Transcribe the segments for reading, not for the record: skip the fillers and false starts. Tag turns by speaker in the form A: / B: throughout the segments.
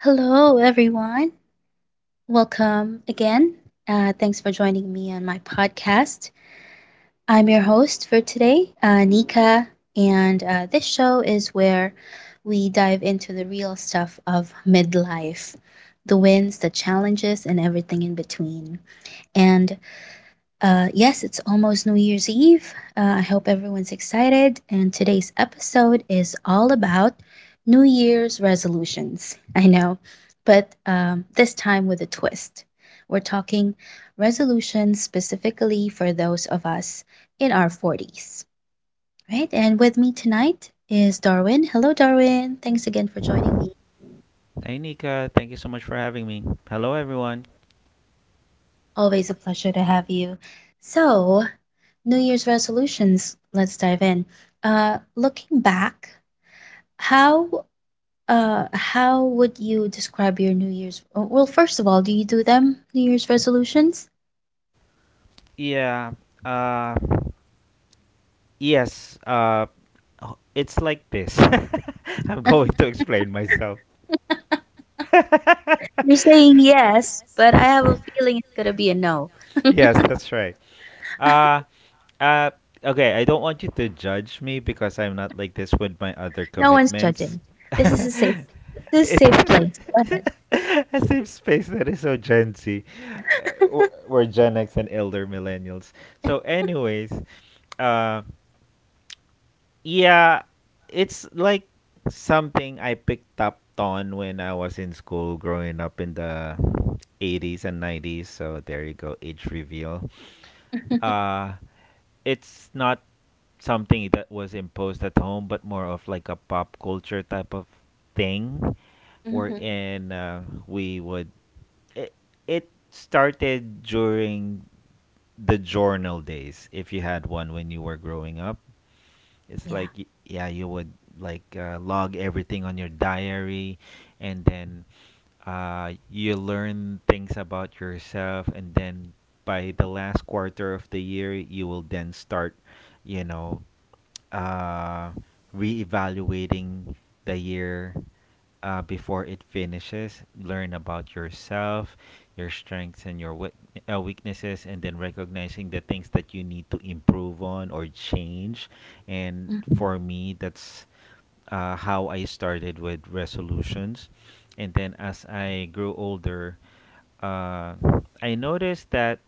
A: Hello, everyone. Welcome again. Thanks for joining me on my podcast. I'm your host for today, Nika, and this show is where we dive into the real stuff of midlife, the wins, the challenges, and everything in between. And yes, it's almost New Year's Eve. I hope everyone's excited. And today's episode is all about New Year's resolutions. I know, but this time with a twist. We're talking resolutions specifically for those of us in our 40s, right? And with me tonight is Darwin. Hello, Darwin. Thanks again for joining me.
B: Hey Nika, thank you so much for having me. Hello everyone.
A: Always a pleasure to have you. So, New Year's resolutions, let's dive in. Looking back, How how would you describe your New Year's? Well, first of all, do you do them, New Year's resolutions?
B: Yeah, uh yes, it's like this. I'm going to explain myself.
A: You're saying yes, but I have a feeling it's gonna be a no.
B: Yes, that's right. Uh uh okay, I don't want you to judge me because I'm not like this with my other
A: No one's
B: commitments.
A: judging. This is a safe, this is a
B: it
A: safe place. Go ahead.
B: A safe space that is so Gen Z. Uh, We're Gen X and elder millennials. So anyways, uh yeah, it's like something I picked up on when I was in school growing up in the 80s and 90s. So there you go, age reveal. Uh, it's not something that was imposed at home, but more of like a pop culture type of thing
A: Mhm.
B: wherein, we would. It, it started during the journal days, if you had one when you were growing up. It's
A: Yeah.
B: like y- yeah, you would, log everything on your diary, and then, you learn things about yourself, and then by the last quarter of the year, you will then start, you know, uh, reevaluating the year before it finishes. Learn about yourself, your strengths, and your weaknesses, and then recognizing the things that you need to improve on or change. And
A: Mhm.
B: for me, that's, how I started with resolutions. And then as I grew older, uh, I noticed that,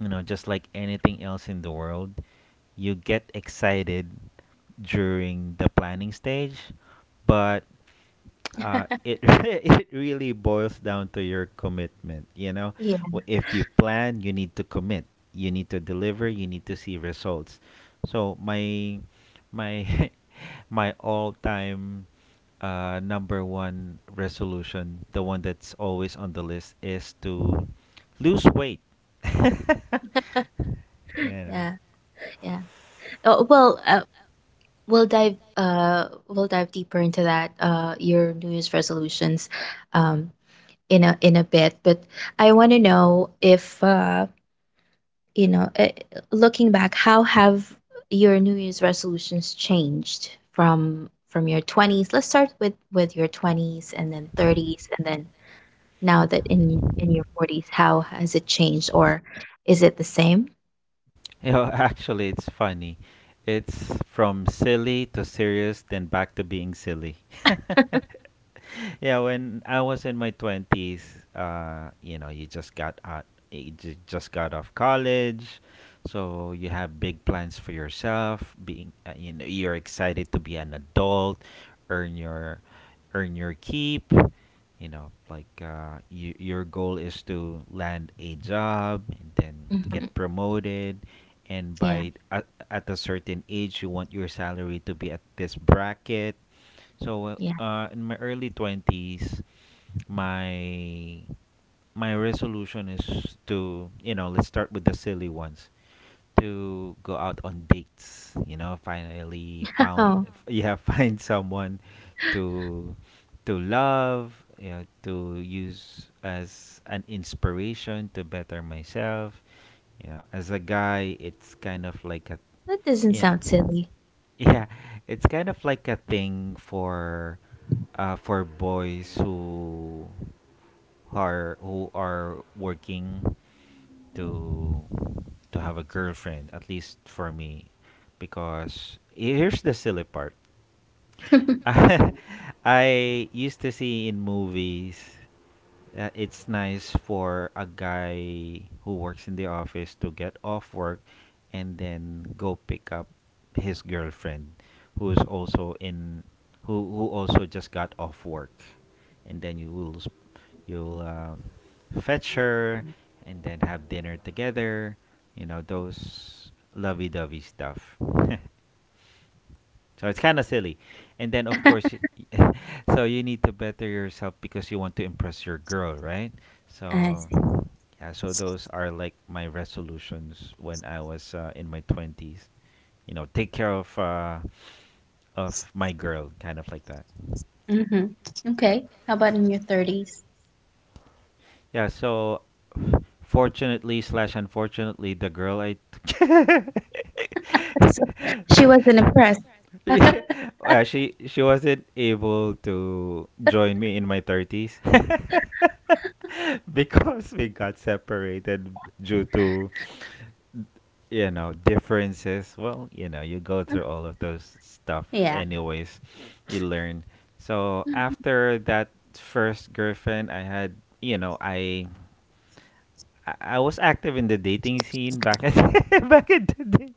B: you know, just like anything else in the world, you get excited during the planning stage, but, it it really boils down to your commitment. You know,
A: Yeah.
B: If you plan, you need to commit. You need to deliver. You need to see results. So my my all-time, number one resolution, the one that's always on the list, is to lose weight. You know.
A: Yeah. Yeah. Oh, well, we'll dive deeper into that, your New Year's resolutions, um in a bit, but I want to know if, you know uh, looking back, how have your New Year's resolutions changed from your 20s. Let's start with your 20s and then 30s and then, now that in your 40s, how has it changed, or is it the same?
B: You know, actually, it's funny. It's from silly to serious, then back to being silly. Yeah, when I was in my twenties, you know, you just got out, you just got off college, so you have big plans for yourself. Being, you know, you're excited to be an adult, earn your, earn your keep. You know, like, your goal is to land a job and then get
A: Mhm.
B: promoted, and
A: Yeah,
B: by at a certain age, you want your salary to be at this bracket. So,
A: yeah.
B: in my early 20s, my my resolution is to, you know, let's start with the silly ones. To go out on dates, you know, finally found
A: Oh,
B: yeah, find someone to to love, you know, to use as an inspiration to better myself. You know, as a guy, it's kind of like a
A: that doesn't
B: yeah,
A: sound silly.
B: yeah. It's kind of like a thing for, for boys who are working to to have a girlfriend, at least for me. Because here's the silly part. I used to see in movies, it's nice for a guy who works in the office to get off work and then go pick up his girlfriend who's also in who also just got off work, and then you will s- you'll fetch her and then have dinner together, you know, those lovey-dovey stuff. So it's kind of silly. And then, of course, so you need to better yourself because you want to impress your girl, right?
A: I
B: So,
A: see.
B: yeah, so those are like my resolutions when I was, in my 20s. You know, take care of of my girl, kind of like that.
A: Mhm. Okay. How about in your 30s?
B: Yeah, so fortunately slash unfortunately, the girl I—
A: So she wasn't impressed.
B: Yeah. Well, she wasn't able to join me in my 30s because we got separated due to, you know, differences. Well, you know, you go through all of those stuff
A: Yeah.
B: anyways, you learn. So after that first girlfriend I had, you know, I was active in the dating scene back at back in the day.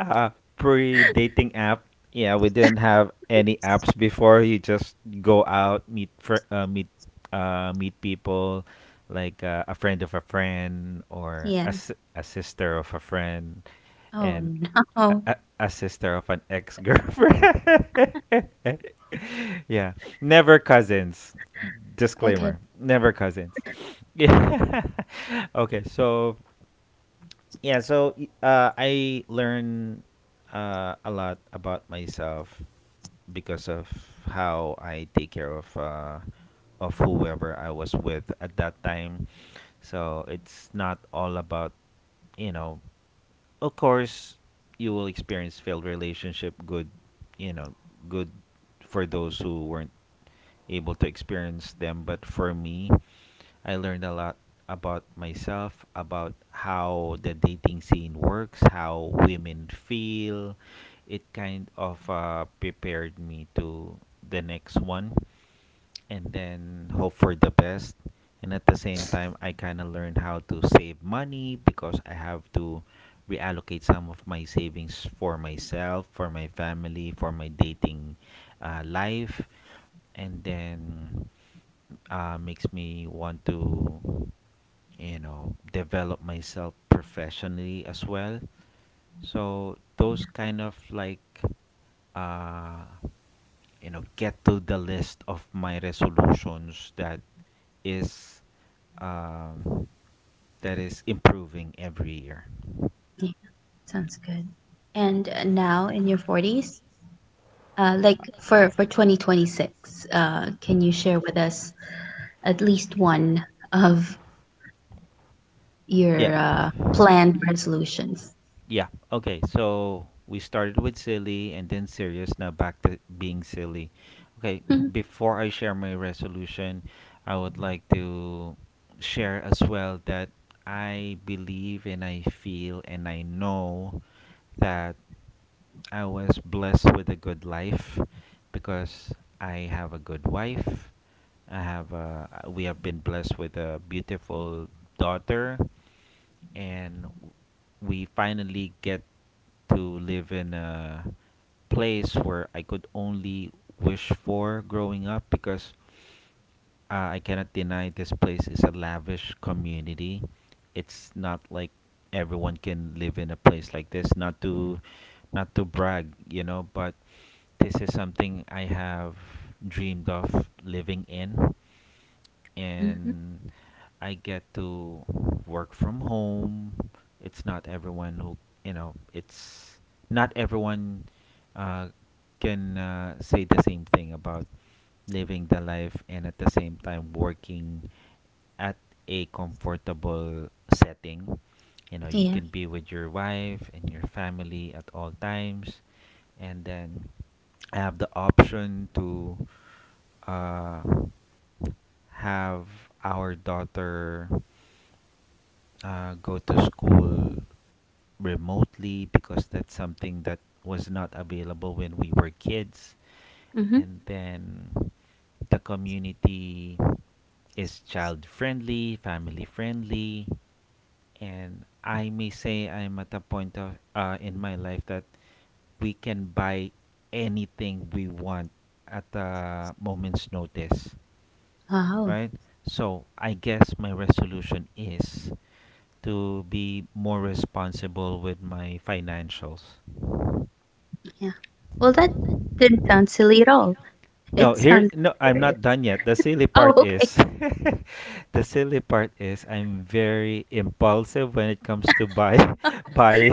B: Uh, pre dating app. Yeah, we didn't have any apps before. You just go out, meet meet people, like, a friend of a friend, or
A: Yeah.
B: a sister of a friend,
A: Oh,
B: and
A: no.
B: a, a, a sister of an ex girlfriend. Yeah. Never cousins.
A: Okay.
B: Disclaimer. Never cousins. Yeah. Okay, so yeah, so I learn, a lot about myself because of how I take care of of whoever I was with at that time. So it's not all about, you know, of course you will experience failed relationship. Good, you know, good for those who weren't able to experience them. But for me, I learned a lot about myself, about how the dating scene works, how women feel. It kind of, prepared me to the next one and then hope for the best. And at the same time, I kind of learned how to save money because I have to reallocate some of my savings for myself, for my family, for my dating, life. And then, makes me want to, you know, develop myself professionally as well. So those kind of like, uh, you know, get to the list of my resolutions that is, um, that is improving every year.
A: Yeah. Sounds good. And now in your 40s, like for 2026, can you share with us at least one of
B: Yeah.
A: your planned resolutions?
B: Yeah. Okay. So we started with silly and then serious. Now back to being silly. Okay. Before I share my resolution, I would like to share as well that I believe and I feel and I know that I was blessed with a good life because I have a good wife. We have been blessed with a beautiful daughter, and we finally get to live in a place where I could only wish for growing up because, I cannot deny this place is a lavish community. It's not like everyone can live in a place like this. Not to brag, you know, but this is something I have dreamed of living in,
A: Mm-hmm.
B: and I get to work from home. It's not everyone who, you know, it's not everyone, uh, can say the same thing about living the life and at the same time working at a comfortable setting. You know, you
A: Yeah.
B: can be with your wife and your family at all times, and then I have the option to, uh, have our daughter, go to school remotely, because that's something that was not available when we were kids.
A: Mm-hmm.
B: And then the community is child friendly, family friendly, and I may say I'm at a point of in my life that we can buy anything we want at a moment's notice.
A: Wow.
B: Right? So I guess my resolution is to be more responsible with my financials.
A: Yeah. Well, that didn't sound silly at all.
B: No,
A: It
B: here
A: sounded
B: no I'm not
A: serious.
B: done yet. The silly
A: Oh,
B: part
A: okay.
B: is— The silly part is I'm very impulsive when it comes to buy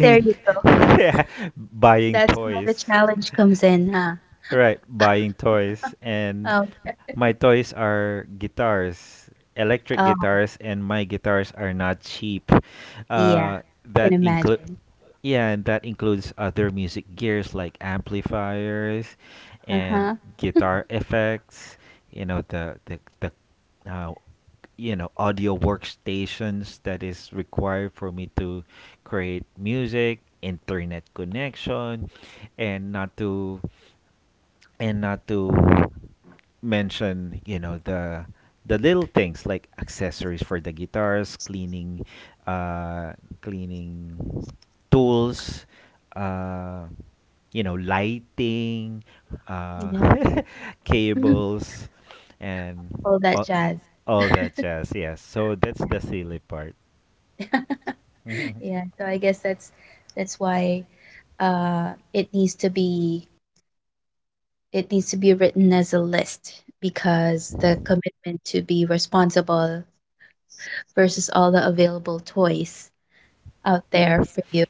A: There you go.
B: yeah, buying
A: That's where the
B: toys.
A: challenge comes in, huh?
B: Right, buying toys. And
A: Okay.
B: my toys are guitars, electric
A: Oh,
B: guitars, and my guitars are not cheap.
A: yeah.
B: Uh,
A: Can
B: that include
A: imagine.
B: yeah, and that includes other music gears like amplifiers and
A: Uh-huh.
B: guitar effects. You know, the uh, you know, audio workstations that is required for me to create music, internet connection, and not to mention, you know, the little things like accessories for the guitars, uh cleaning tools, uh you know, lighting, uh
A: Yeah.
B: cables, and
A: All that
B: all,
A: jazz.
B: all that jazz. Yes, so that's the silly part.
A: Yeah. Yeah, so I guess that's why uh it needs to be it needs to be written as a list, because the commitment to be responsible versus all the available toys out
B: Ye-
A: there for you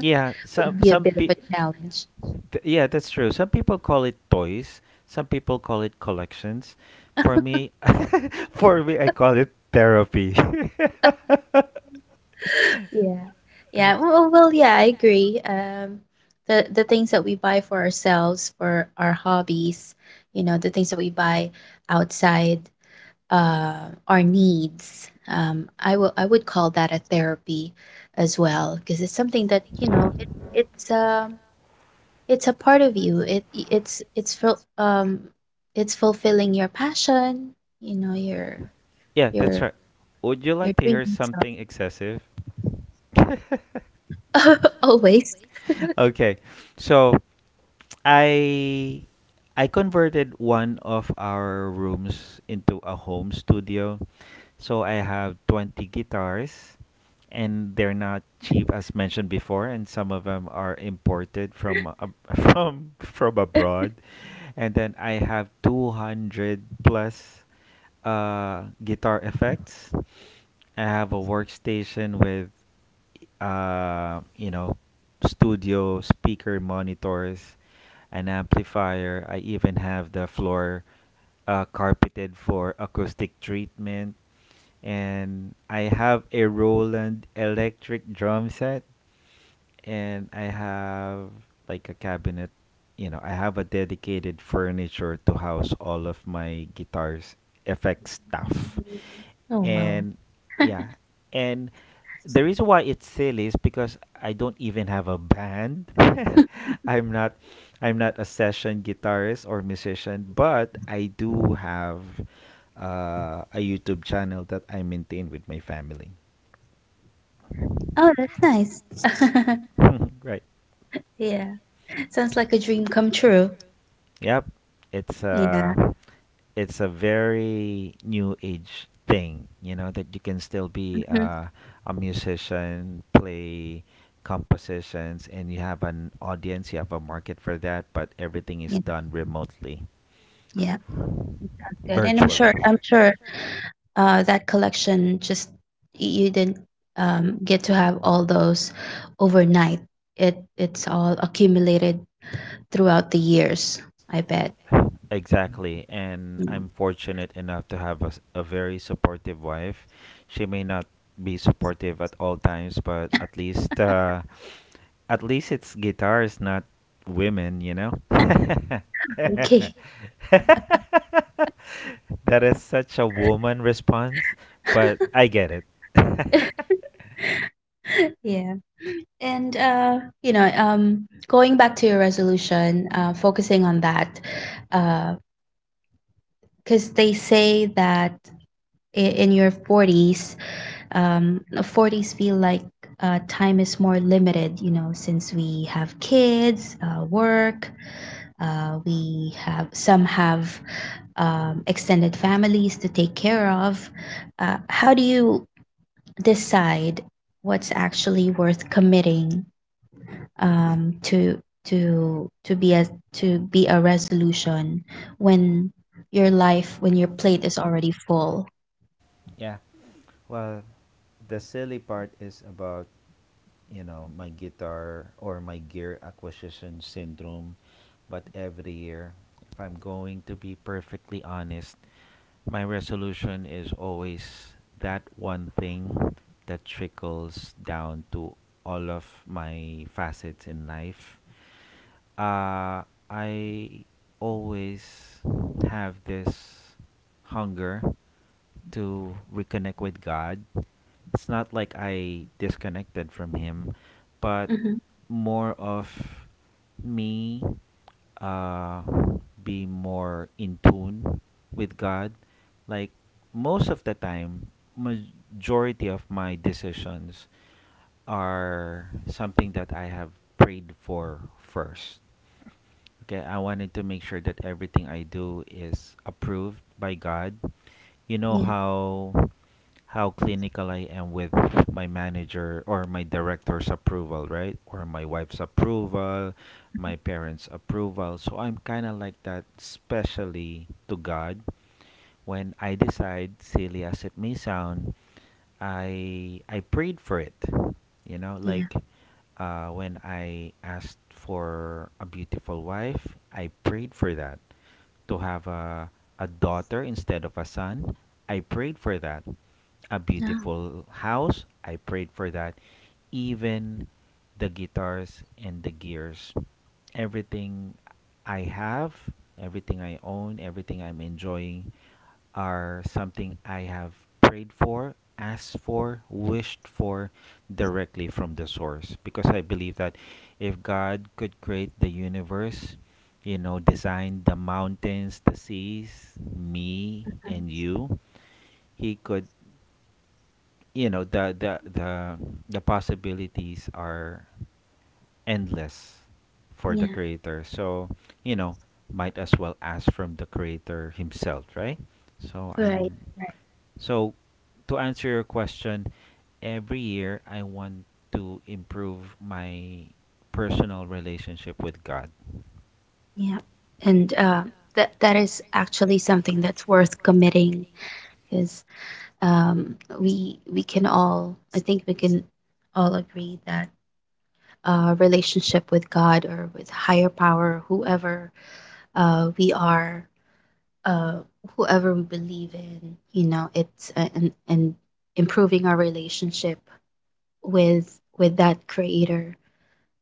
B: yeah,
A: would be a bit of a challenge.
B: yeah, that's true. Some people call it toys. Some people call it collections. For me, for me, I call it therapy.
A: Yeah. Yeah. Well, well, yeah, I agree. The things that we buy for ourselves, for our hobbies, you know, the things that we buy outside our needs. I would call that a therapy as well, because it's something that, you know, it's um it's a part of you. It's fulfilling your passion, you know, your
B: Yeah, that's
A: your
B: right. Would you
A: your
B: like to
A: dreams.
B: hear something excessive?
A: Always.
B: Okay, so I I converted one of our rooms into a home studio. So I have 20 guitars and they're not cheap as mentioned before, and some of them are imported from ab- from abroad. And then I have 200 plus, guitar effects. I have a workstation with, you know, studio speaker monitors, an amplifier. I even have the floor, carpeted for acoustic treatment, and I have a Roland electric drum set, and I have like a cabinet. You know, I have a dedicated furniture to house all of my guitars, effects stuff,
A: Oh, wow.
B: and yeah, and the reason why it's silly is because I don't even have a band. I'm not, I'm not a session guitarist or musician, but I do have, a YouTube channel that I maintain with my family.
A: Oh, that's nice.
B: Right.
A: Yeah. Sounds like a dream come true.
B: Yep. It's
A: Yeah.
B: uh it's a very new age thing, you know, that you can still
A: Mhm.
B: be, a musician, play compositions, and you have an audience, you have a market for that, but everything is
A: Yeah,
B: done remotely,
A: yeah. Good. And I'm
B: virtually.
A: sure, I'm sure that collection, just you didn't get to have all those overnight. It's all accumulated throughout the years, I bet.
B: Exactly. And
A: Mm.
B: I'm fortunate enough to have a very supportive wife. She may not be supportive at all times, but at least, at least it's guitars, not women, you know?
A: Okay.
B: That is such a woman response, but I get it.
A: Yeah. And you know, going back to your resolution, focusing on that, uh, because they say that, in your 40s, 40s feel like, time is more limited, you know, since we have kids, work, we have, some have extended families to take care of. How do you decide what's actually worth committing, to, to to be a to be a resolution when your life when your plate is already full?
B: Yeah. Well, the silly part is about, you know, my guitar or my gear acquisition syndrome. But every year, if I'm going to be perfectly honest, my resolution is always that one thing that trickles down to all of my facets in life. Uh, I always have this hunger to reconnect with God. It's not like I disconnected from Him, but
A: Hmm.
B: more of me uh, be more in tune with God. Like most of the time, majority of my decisions are something that I have prayed for first. Okay, I wanted to make sure that everything I do is approved by God, you know
A: Yeah,
B: how clinical I am with my manager or my director's approval, right? Or my wife's approval, my parents' approval. So I'm kind of like that, especially to God. When I decide, silly as it may sound, I prayed for it. You know,
A: yeah.
B: like when I asked for a beautiful wife, I prayed for that to have a daughter instead of a son. I prayed for that. A
A: Oh,
B: beautiful house. I prayed for that. Even the guitars and the gears. Everything I have, everything I own, everything I'm enjoying, are something I have prayed for, asked for, wished for directly from the source because I believe that if God could create the universe, you know, design the mountains, the seas, me and you, he could, you know, the the possibilities are endless for the
A: yeah.
B: creator. So, you know, might as well ask from the creator himself, right? So
A: Right.
B: I'm
A: Right.
B: so, to answer your question, every year I want to improve my personal relationship with God.
A: Yeah, and that is actually something that's worth committing, because we can all I think we can all agree that relationship with God, or with higher power, whoever we are, uh, whoever we believe in, you know, it's a- and improving our relationship with that Creator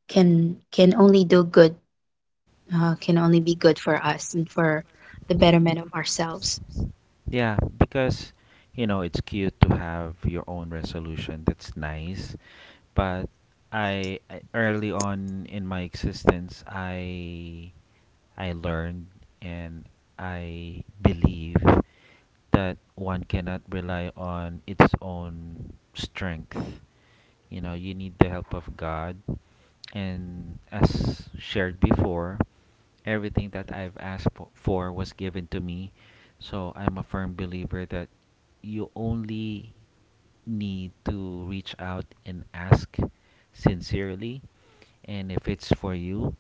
A: can, only do good, can only be good for us and for the betterment of ourselves.
B: Yeah, because you know it's cute to have your own resolution. That's nice, but I early on in my existence, I learned and I believe that one cannot rely on its own strength. You know, you need the help of God. And as shared before, everything that I've for was given to me. So I'm a firm believer that you only need to reach out and ask sincerely. And if it's for you,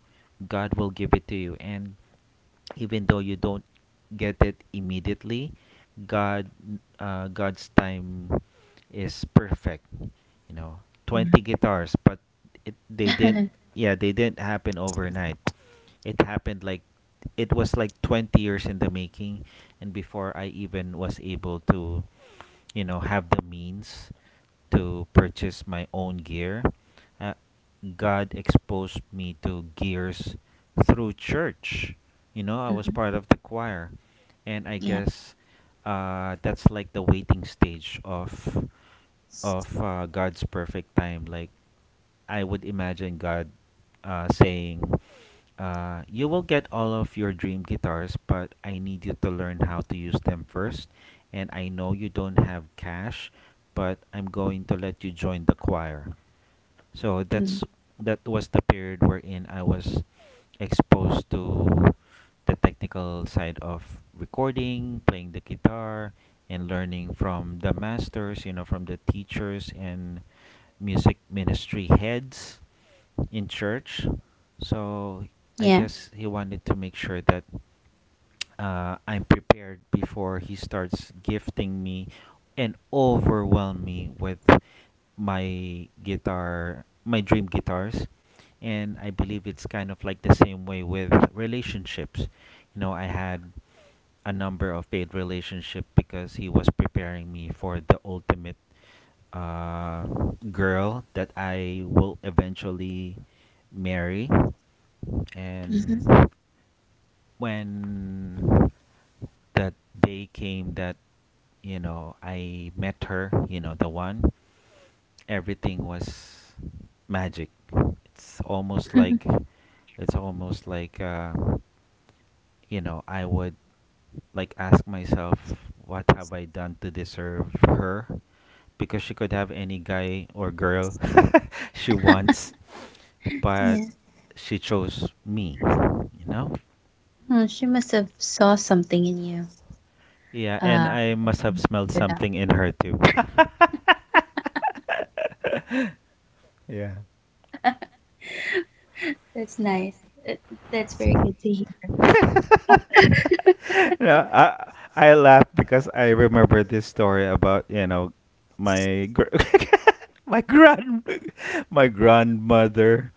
B: God will give it to you. And even though you don't get it immediately, god god's time is perfect, you know,
A: Yeah.
B: 20 guitars, but it they didn't, yeah, they didn't happen overnight. It happened like it was like 20 years in the making, and before I even was able to, you know, have the means to purchase my own gear. Uh, God exposed me to gears through church. You know, I was
A: Mhm.
B: part of the choir. And I
A: Yeah.
B: guess that's like the waiting stage of God's perfect time. Like I would imagine God saying, you will get all of your dream guitars, but I need you to learn how to use them first. And I know you don't have cash, but I'm going to let you join the choir. So
A: Mm.
B: that's that was the period wherein I was exposed to the technical side of recording, playing the guitar, and learning from the masters, you know, from the teachers and music ministry heads in church. So
A: Yeah.
B: I guess he wanted to make sure that I'm prepared before he starts gifting me and overwhelm me with my guitar, my dream guitars. And I believe it's kind of like the same way with relationships. You know, I had a number of failed relationships because he was preparing me for the ultimate uh, girl that I will eventually marry.
A: Mhm.
B: And when that day came that, you know, I met her, you know, the one, everything was magic. It's almost like it's almost like, you know, I would like ask myself what have I done to deserve her because she could have any guy or girl she wants, but
A: Yeah.
B: she chose me, you know?
A: Oh, she must have saw something in you.
B: Yeah, and
A: Uh,
B: I must have
A: when you
B: smelled
A: stood up.
B: something in her too.
A: That's nice. Uh, That's very good to hear.
B: No, I laugh because I remember this story about, you know, my gr- my grand my grandmother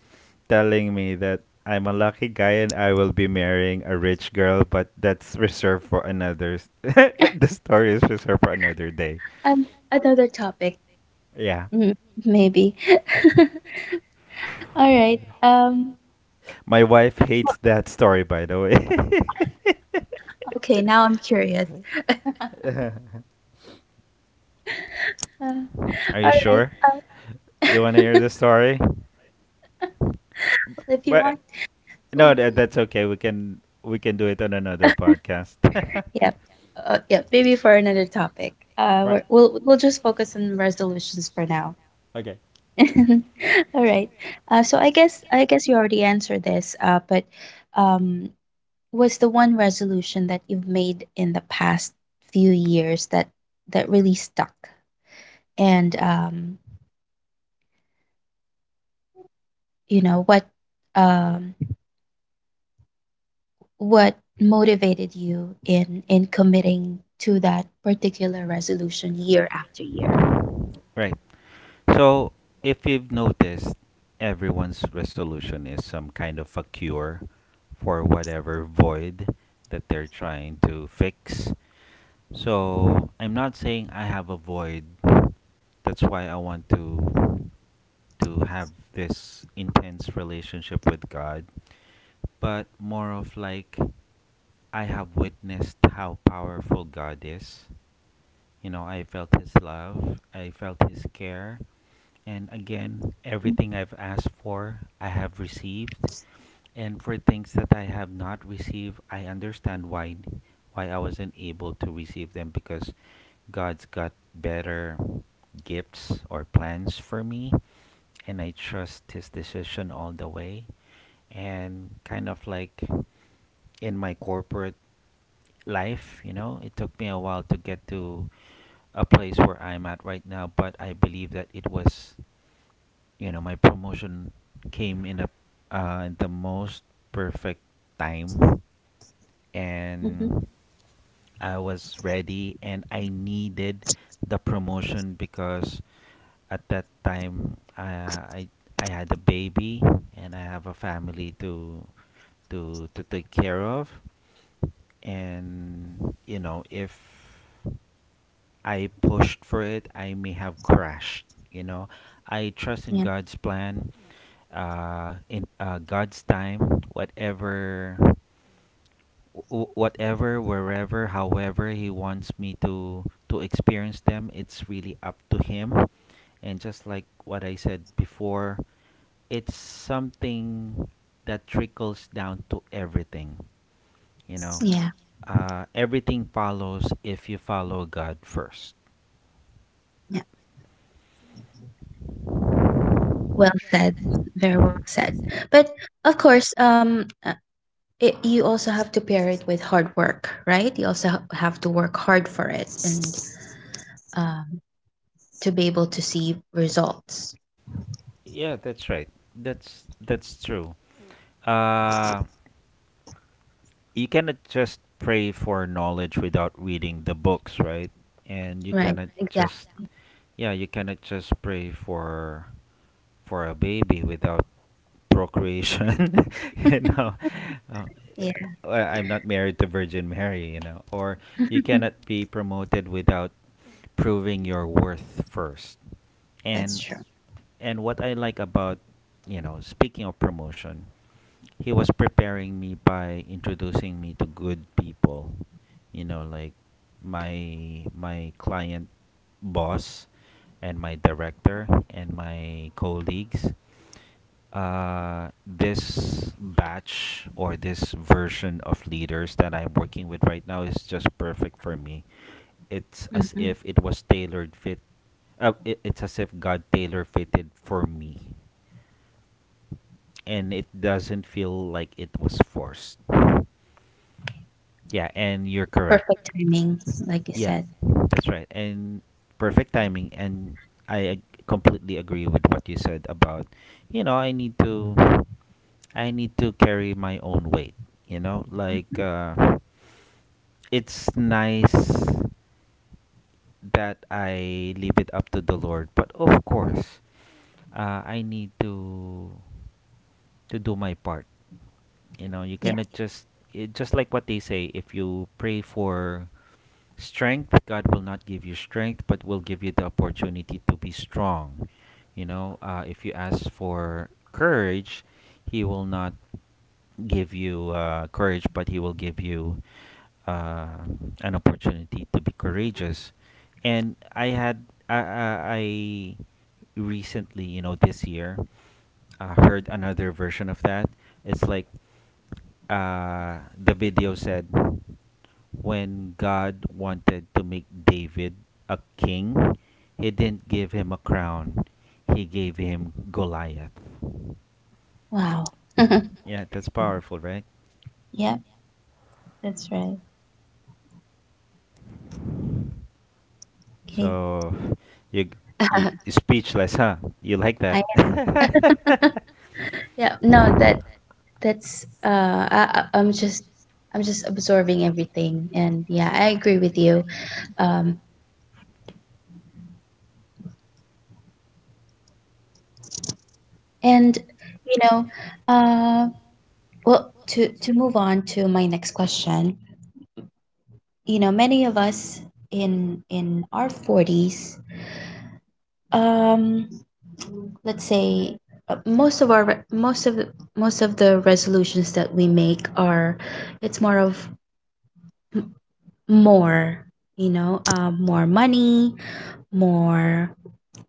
B: telling me that I'm a lucky guy and I will be marrying a rich girl, but that's reserved for another. The story is reserved for another day.
A: um, another topic.
B: Yeah.
A: Mm, maybe. All right.
B: My wife hates that story, by the way.
A: Okay. Now I'm curious. Uh,
B: Are you
A: all right.
B: sure? You want to hear the story?
A: If you
B: But
A: want.
B: no,
A: Ooh.
B: that's okay. We can do it on another podcast. Right.
A: Yep. Yeah, maybe for another topic. We'll we'll just focus on resolutions for now.
B: Okay.
A: All right. So I guess you already answered this, but um, was the one resolution that you've made in the past few years that, really stuck, and you know what, um, what motivated you in committing to that particular resolution year after year?
B: Right. So, if you've noticed, everyone's resolution is some kind of a cure for whatever void that they're trying to fix. So I'm not saying I have a void. That's why I want to have this intense relationship with God, but more of like I have witnessed how powerful God is. You know, I felt his love, I felt his care, and again, everything I've asked for, I have received. And for things that I have not received, I understand why I wasn't able to receive them because God's got better gifts or plans for me, and I trust his decision all the way. And kind of like in my corporate life, you know, it took me a while to get to a place where I'm at right now, but I believe that it was, you know, my promotion came in a in the most perfect time.
A: Mhm.
B: And I was ready and I needed the promotion because at that time I, I had a baby, and I have a family to to take care of. And you know, if I pushed for it I may have crashed, you know, I trust in
A: Yes.
B: God's plan, in God's time. Whatever wherever, however he wants me to experience them, it's really up to him. And just like what I said before, it's something that trickles down to everything. You know,
A: Yeah.
B: everything follows if you follow God first.
A: Yeah. Well said. Very well said. But of course, you also have to pair it with hard work, right? You also, have to work hard for it, and um, to be able to see results,
B: Yeah, that's right. That's true. Uh, you cannot just pray for knowledge without reading the books, right? And you
A: right?
B: cannot
A: Exactly.
B: just, yeah, you cannot just pray for a baby without procreation, you know. Uh,
A: Yeah.
B: I'm not married to Virgin Mary, you know, or you cannot be promoted without proving your worth first.
A: That's
B: And
A: true.
B: and what I like about, you know, speaking of promotion, he was preparing me by introducing me to good people, you know, like my client, boss, and my director and my colleagues. Uh, this batch or this version of leaders that I'm working with right now is just perfect for me. It's as
A: Hmm.
B: if it was tailored fit. It's as if God tailor fitted for me, and it doesn't feel like it was forced. Yeah, and you're correct.
A: Perfect timing, like you
B: Yeah,
A: said.
B: that's right. And perfect timing. And completely agree with what you said about, you know, I need to carry my own weight. You know, like, it's nice that I leave it up to the Lord, but of course, I need to do my part. You know, you
A: Yeah.
B: cannot just it, just like what they say. If you pray for strength, god will not give you strength but will give you the opportunity to be strong. You know, if you ask for courage, he will not give you courage, but he will give you uh, an opportunity to be courageous. And I had I recently, you know, this year heard another version of that. It's like, the video said, when God wanted to make David a king, he didn't give him a crown, he gave him Goliath.
A: Wow.
B: Yeah, that's
A: Yeah.
B: powerful, right?
A: Yep, that's right. Okay.
B: So you, you speechless, huh? You like that?
A: I am. Yeah, no, that that's I- I'm just absorbing everything, and yeah, I agree with you. Um and, you know, uh well, to move on to my next question, you know, many of us in our 40s. Um, let's say most of our, most of the resolutions that we make, are, it's more of, m- more you know, more money, more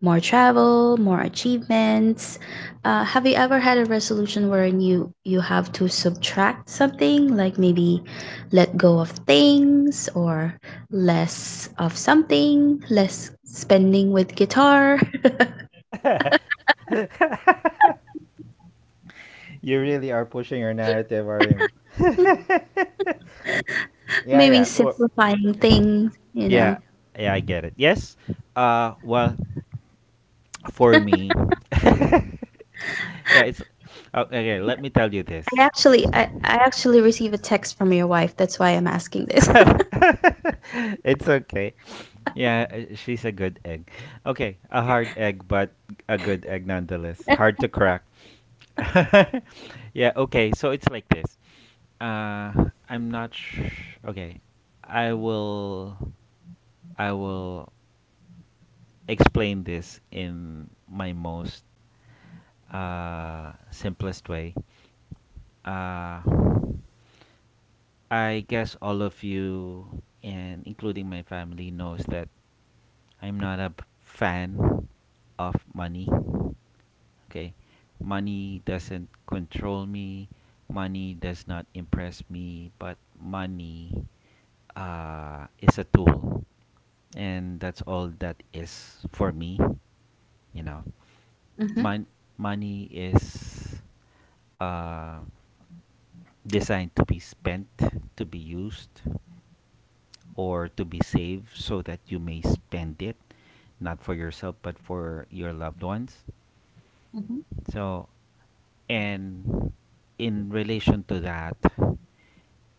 A: more travel, more achievements. Have you ever had a resolution wherein you, you have to subtract something, like maybe let go of things, or less of something, less spending with guitar?
B: You really are pushing your narrative, are you? Yeah,
A: Maybe
B: yeah. Well,
A: simplifying things, you know.
B: yeah, yeah, I get it. Yes. Well, for me, yeah, it's oh, okay. Let me tell you this.
A: I actually receive a text from your wife. That's why I'm
B: Asking.
A: asking this.
B: It's okay. Yeah, she's a good egg. Okay, a hard egg, but a good egg nonetheless. Hard to crack. Yeah, okay. So it's like this. Uh, I'm not sh- okay. I will I will explain this in my most simplest way. Uh, I guess all of you, and including my family, knows that I'm not a fan of money. Okay, money doesn't control me. Money does not impress me, but money is a tool, and that's all that is for me. You know,
A: Hmm.
B: Mon- money is, uh, designed to be spent, to be used, or to be saved so that you may spend it not for yourself but for your loved ones.
A: Hmm.
B: So, and in relation to that,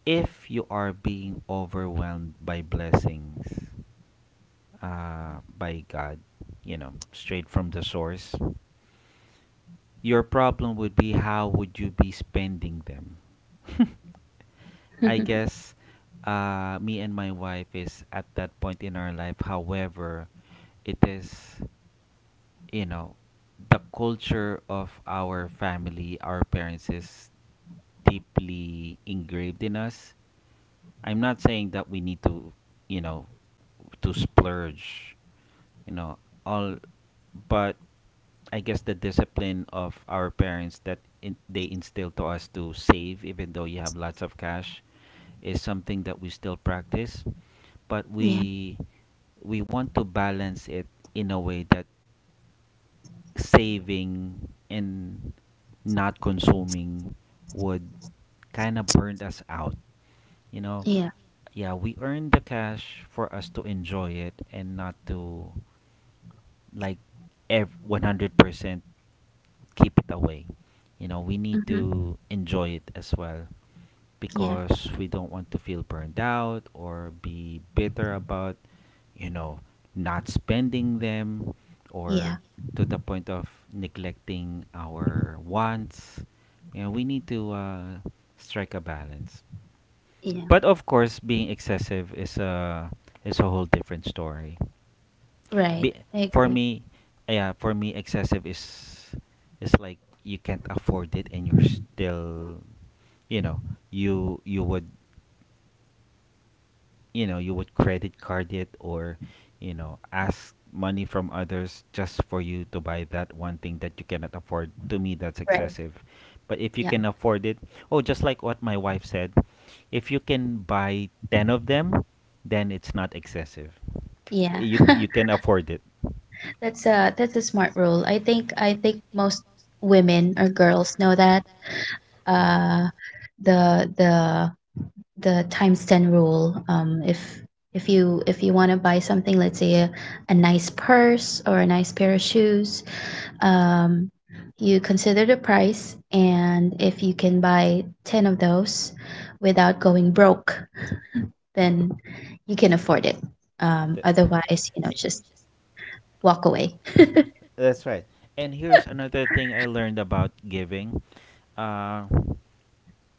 B: if you are being overwhelmed by blessings, by god, you know, straight from the source, your problem would be how would you be spending them. I guess, me and my wife is at that point in our life. However it is, you know, the culture of our family, our parents is deeply engraved in us. I'm not saying that we need to, you know, to splurge, you know, all, but I guess the discipline of our parents that they instill to us to save, even though you have lots of cash, is something that we still practice. But
A: Yeah.
B: we want to balance it in a way that saving and not consuming would kind of burn us out. You know,
A: Yeah.
B: yeah, we earn the cash for us to enjoy it and not to like 100% keep it away. You know, we need
A: Hmm.
B: to enjoy it as well
A: Yeah.
B: because we don't want to feel burned out or be bitter about, you know, not spending them or
A: Yeah.
B: to the point of neglecting our wants. You know, we need to strike a balance.
A: Yeah.
B: But of course, being excessive is a whole different story.
A: Right.
B: Be,
A: I
B: for
A: agree.
B: me, yeah, for me, excessive is like you can't afford it and you're still, you know, you would, you know, you would credit card it, or you know, ask money from others just for you to buy that one thing that you cannot afford. To me, that's
A: Right.
B: excessive. But if you
A: Yeah.
B: can afford it, oh, just like what my wife said, if you can buy 10 of them, then it's not excessive.
A: Yeah.
B: You can afford it.
A: That's a smart rule. I think most women or girls know that.
B: Yeah.
A: Uh the the the times 10 rule, if if you want to buy something, let's say, a nice purse or a nice pair of shoes, um, you consider the price, and if you can buy 10 of those without going broke, then you can afford it.
B: Th-
A: Otherwise, you know, just walk away.
B: that's right. And here's another thing I learned about giving. uh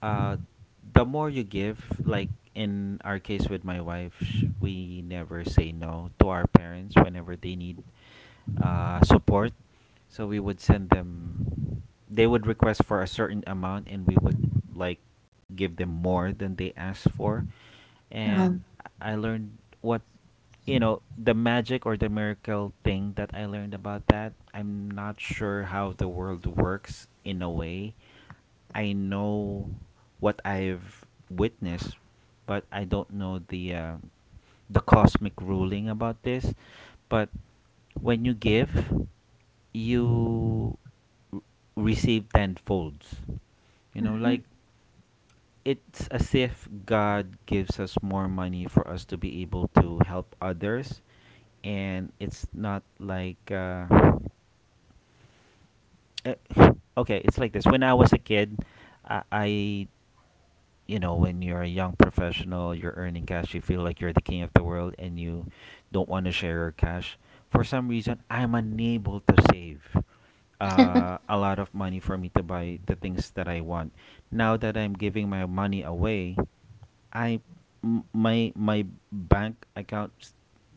B: uh the more you give, like in our case with my wife, we never say no to our parents whenever they need support. So we would send them, they would request for a certain amount, and we would, like, give them more than they asked for. And
A: um,
B: I learned what, you know, the magic or the miracle thing that I learned about that. I'm not sure how the world works. In a way, I know what I've witnessed, but I don't know the cosmic ruling about this. But when you give, you r- receive tenfolds. You know,
A: mhm.
B: like, it's as if God gives us more money for us to be able to help others, and it's not like eh, okay, it's like this. When I was a kid, I you know, when you're a young professional, you're earning cash, you feel like you're the king of the world, and you don't want to share your cash. For some reason, I'm unable to save a lot of money for me to buy the things that I want. Now that I'm giving my money away, I m- my bank account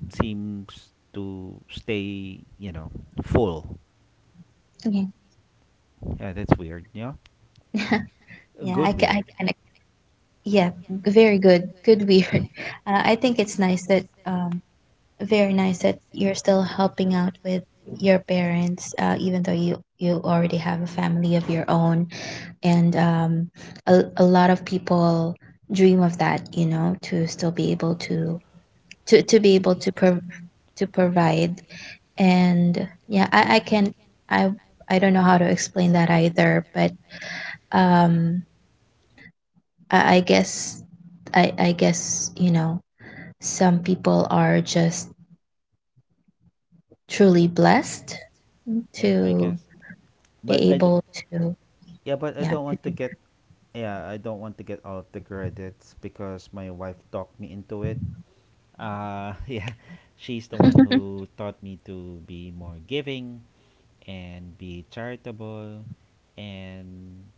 B: seems to stay, you know, full.
A: Yeah.
B: Yeah, that's weird. Yeah.
A: Yeah,
B: Good
A: I can, I
B: weird.
A: can yeah, very good. Good weird. I think it's nice that, very nice that you're still helping out with your parents, even though you already have a family of your own. And a lot of people dream of that, you know, to still be able to, to be able to prov to provide. And yeah, I can i I don't know how to explain that either, but um i, I guess I, I guess, you know, some people are just truly blessed
B: Yeah,
A: to
B: guess, but
A: be able to,
B: yeah, but I
A: yeah,
B: don't
A: to
B: want to
A: do
B: get, yeah, I don't want to get all of the credits because my wife talked me into it. Yeah. She's the one
A: that.
B: who taught me to be more giving and be charitable, and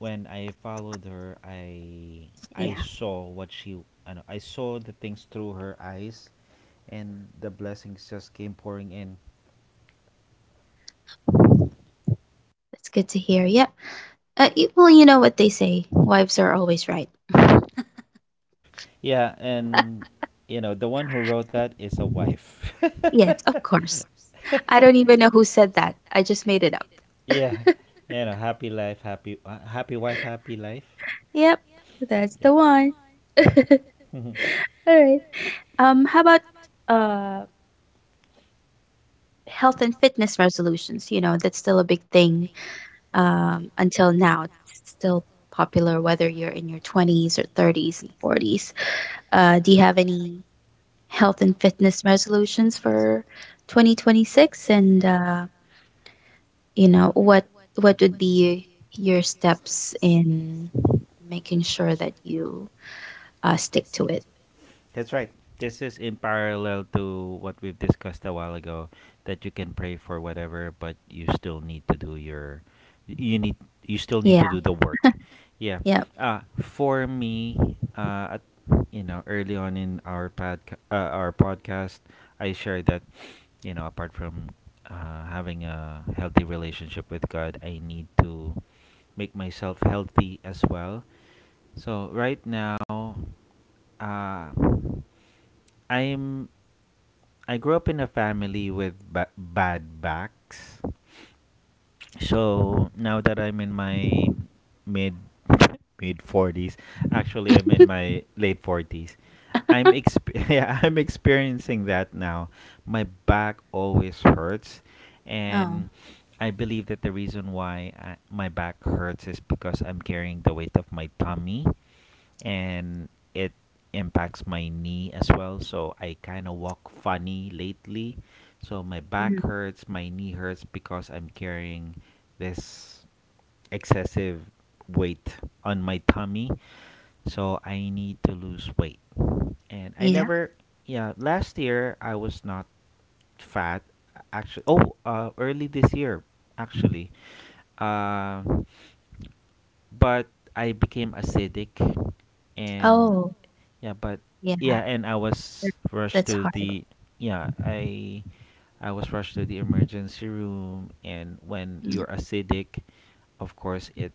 B: when I followed her, I
A: Yeah,
B: saw what she, I, know, I saw the things through her eyes, and the blessings just came pouring in.
A: that's good to hear. Yep. Y- well, you know what they say, wives are always right.
B: Yeah, and you know, the one who wrote that is a wife.
A: Yes, of course. I don't even know who said that. I just made it up.
B: Yeah, you know, happy life, happy happy wife, happy life.
A: Yep, that's
B: Yeah,
A: the one. All
B: yep.
A: right. How about uh health and fitness resolutions? You know, that's still a big thing. Until now, it's still popular whether you're in your 20s or 30s and 40s. Do you have any health and fitness resolutions for 2026, and what would be your steps in making sure that you stick to it?
B: That's right. This is in parallel to what we've discussed a while ago, that you can pray for whatever, but you still need to do your, you need, you still need
A: Yeah.
B: to do the work. Yeah.
A: Yep.
B: Uh, for me, uh at, you know, early on in our our podcast, I shared that, you know, apart from having a healthy relationship with God, I need to make myself healthy as well. So right now, uh, I'm, I grew up in a family with bad backs. So now that I'm in my mid mid 40s, actually I'm in my late 40s. Yeah, I'm experiencing that now. My back always hurts,
A: Oh.
B: and I believe that the reason why my back hurts is because I'm carrying the weight of my tummy, and it impacts my knee as well. So I kind of walk funny lately. So my back
A: Mhm.
B: hurts, my knee hurts because I'm carrying this excessive weight on my tummy. So I need to lose weight. And I
A: Yeah.
B: never, yeah, last year I was not fat. Actually, oh, early this year, actually. Uh, but I became acidic and
A: Oh.
B: yeah, but
A: Yeah.
B: yeah, and I
A: that-
B: was rushed
A: that's
B: to
A: hard.
B: the, yeah, I was rushed to the emergency room. And when
A: Mm.
B: you're acidic, of course it,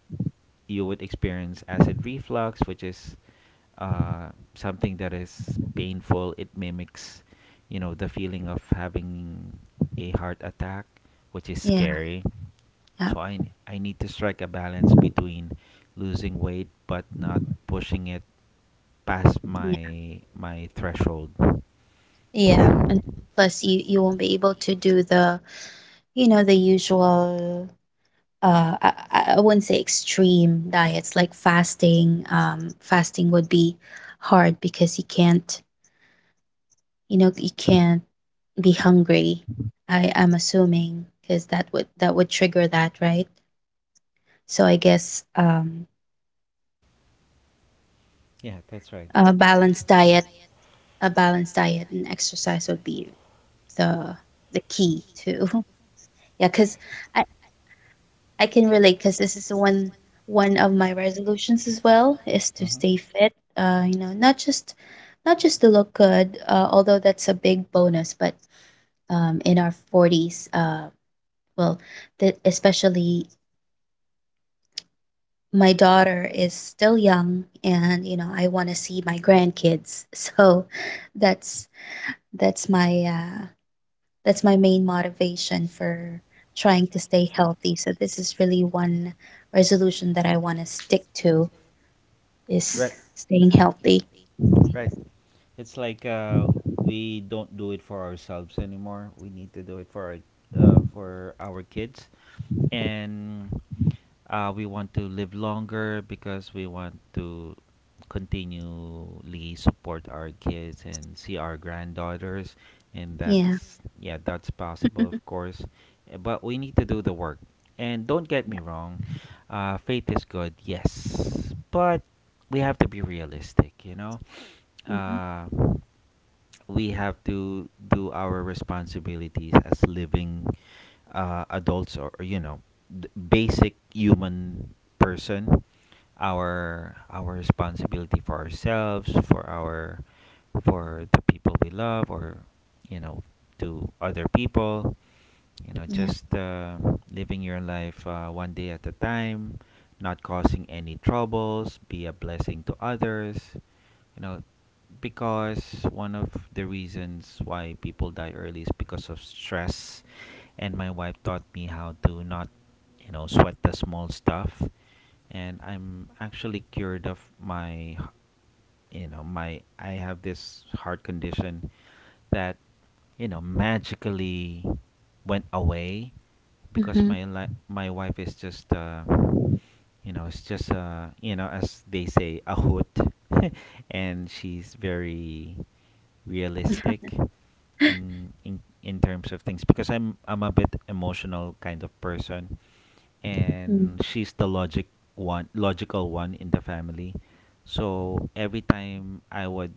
B: you would experience acid reflux, which is uh, something that is painful. It mimics, you know, the feeling of having a heart attack, which is
A: Yeah.
B: scary.
A: Yep.
B: So I need to strike a balance between losing weight but not pushing it past
A: Yeah.
B: my threshold.
A: Yeah, and plus, you won't be able to do the, you know, the usual, I wouldn't say extreme diets like fasting. Fasting would be hard because you can't be hungry. I am assuming because that would, that would trigger that, right? So I guess,
B: Yeah, that's right.
A: a balanced diet, and exercise would be the the key to, yeah. Because I, I can relate, because this is the one one of my resolutions as well, is to stay fit. You know, not just to look good, although that's a big bonus, but in our 40s. Well, especially my daughter is still young, and you know, I want to see my grandkids. So that's that's my uh, that's my main motivation for trying to stay healthy. So this is really one resolution that I want to stick to, is staying healthy.
B: Right. It's like we don't do it for ourselves anymore. We need to do it for our kids, and we want to live longer because we want to continually support our kids and see our granddaughters, and
A: Yeah.
B: that's, yeah, that's possible, of course. But we need to do the work. And don't get me wrong, faith is good, yes, but we have to be realistic, you know.
A: Hmm.
B: Uh, we have to do our responsibilities as living adults, or you know, basic human person, our responsibility for ourselves, for our, for the people we love, or, you know, to other people, you know,
A: Yeah.
B: just living your life one day at a time, not causing any troubles, be a blessing to others. You know, because one of the reasons why people die early is because of stress. And my wife taught me how to not, you know, sweat the small stuff. And I'm actually cured of my, you know, my, I have this heart condition that, you know, magically went away because
A: Hmm.
B: my wife is just you know, it's just you know, as they say, a hoot. And she's very realistic in terms of things, because I'm a bit emotional kind of person, and she's the logical one in the family. So every time I would,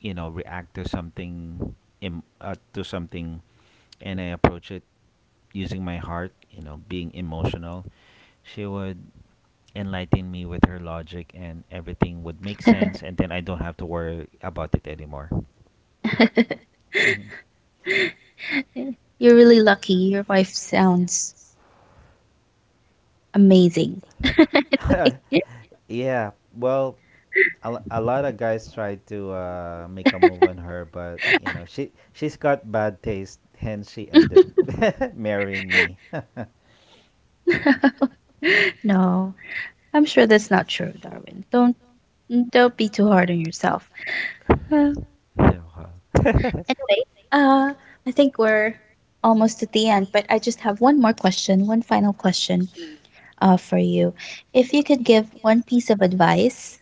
B: you know, react to something, to something, and I approach it using my heart, you know, being emotional, she would enlighten me with her logic, and everything would make sense, and then I don't have to worry about it anymore. Mhm.
A: You're really lucky. Your wife sounds amazing.
B: Yeah, well, a lot of guys try to make a move on her, but you know, she's got bad taste, hence she ended marrying me.
A: No, I'm sure that's not true, Darwin. Don't be too hard on yourself.
B: Yeah, well,
A: Anyway, uh, I think we're almost at the end, but I just have one more question, one final question, for you. If you could give one piece of advice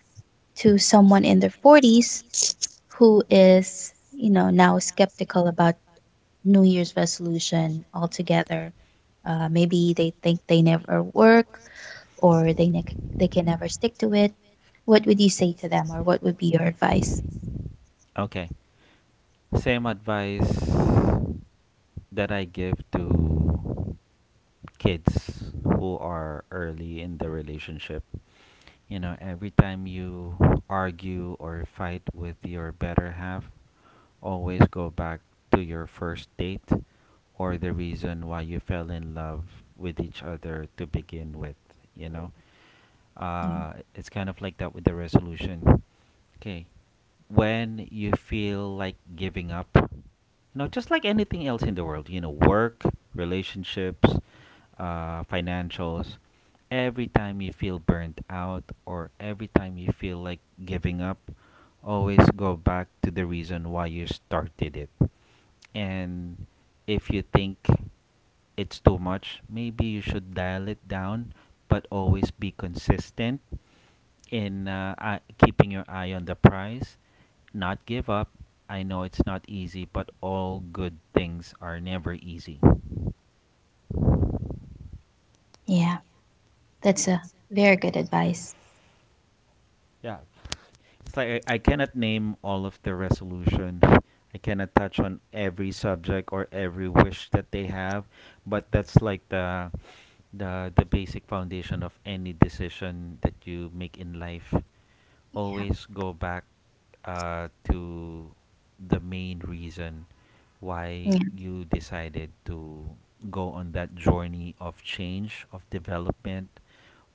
A: to someone in their 40s, who is, you know, now skeptical about New Year's resolution altogether, maybe they think they never work, or they, they can never stick to it, what would you say to them, or what would be your advice?
B: okay. Same advice that I give to kids who are early in the relationship. You know, every time you argue or fight with your better half, always go back to your first date, or the reason why you fell in love with each other to begin with, you know?
A: Mm.
B: It's kind of like that with the resolution. Okay. When you feel like giving up, you know, just like anything else in the world, you know, work, relationships, financials, every time you feel burnt out or every time you feel like giving up, always go back to the reason why you started it. And if you think it's too much, maybe you should dial it down, but always be consistent in keeping your eye on the prize, not give up. I know it's not easy, but all good things are never easy.
A: Yeah, that's a very good advice.
B: It's like I cannot name all of the resolution. I cannot touch on every subject or every wish that they have, but that's like the, the basic foundation of any decision that you make in life. Always go back to the main reason why
A: Yeah.
B: you decided to go on that journey of change, of development,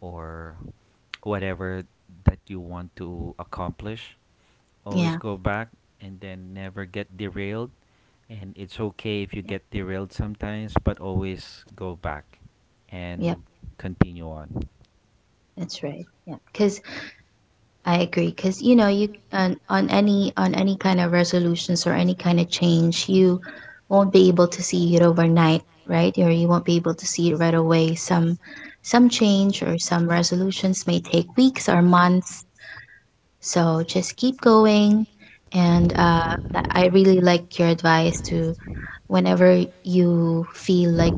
B: or whatever that you want to accomplish. Always
A: Yeah.
B: go back and then never get derailed. And it's okay if you
A: Yep,
B: get derailed sometimes, but always go back
A: yep,
B: and continue on.
A: that's right. Yep, because I agree. Because, you know, you, on any kind of resolutions or any kind of change, you won't be able to see it overnight, right? Or you won't be able to see it right away. Some change or some resolutions may take weeks or months. So just keep going. And I really like your advice to, whenever you feel like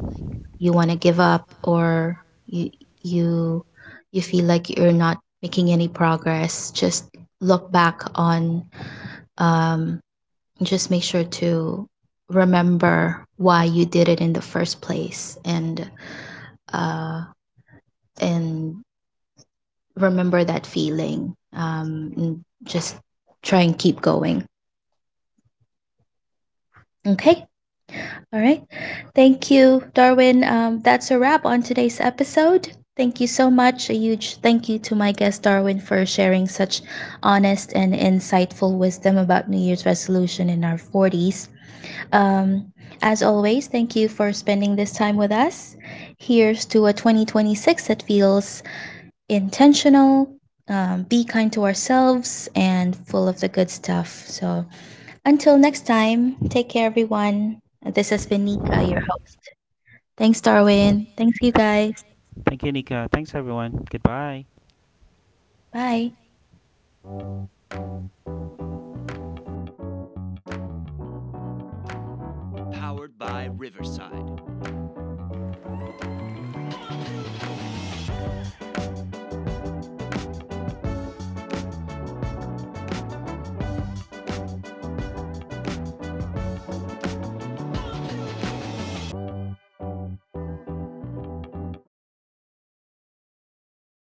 A: you want to give up, or you you you feel like you're not making any progress, just look back on um just make sure to remember why you did it in the first place, and uh and remember that feeling, and just try and keep going. Okay. All right. Thank you, Darwin. That's a wrap on today's episode. Thank you so much. A huge thank you to my guest, Darwin, for sharing such honest and insightful wisdom about New Year's resolution in our 40s. Um, as always, thank you for spending this time with us. Here's to a 2026 that feels intentional. Be kind to ourselves and full of the good stuff. So, until next time, take care, everyone. This has been Nika, your Thanks, Darwin. Thanks, you guys.
B: Thank you, Nika. Thanks, everyone. Goodbye.
A: Bye.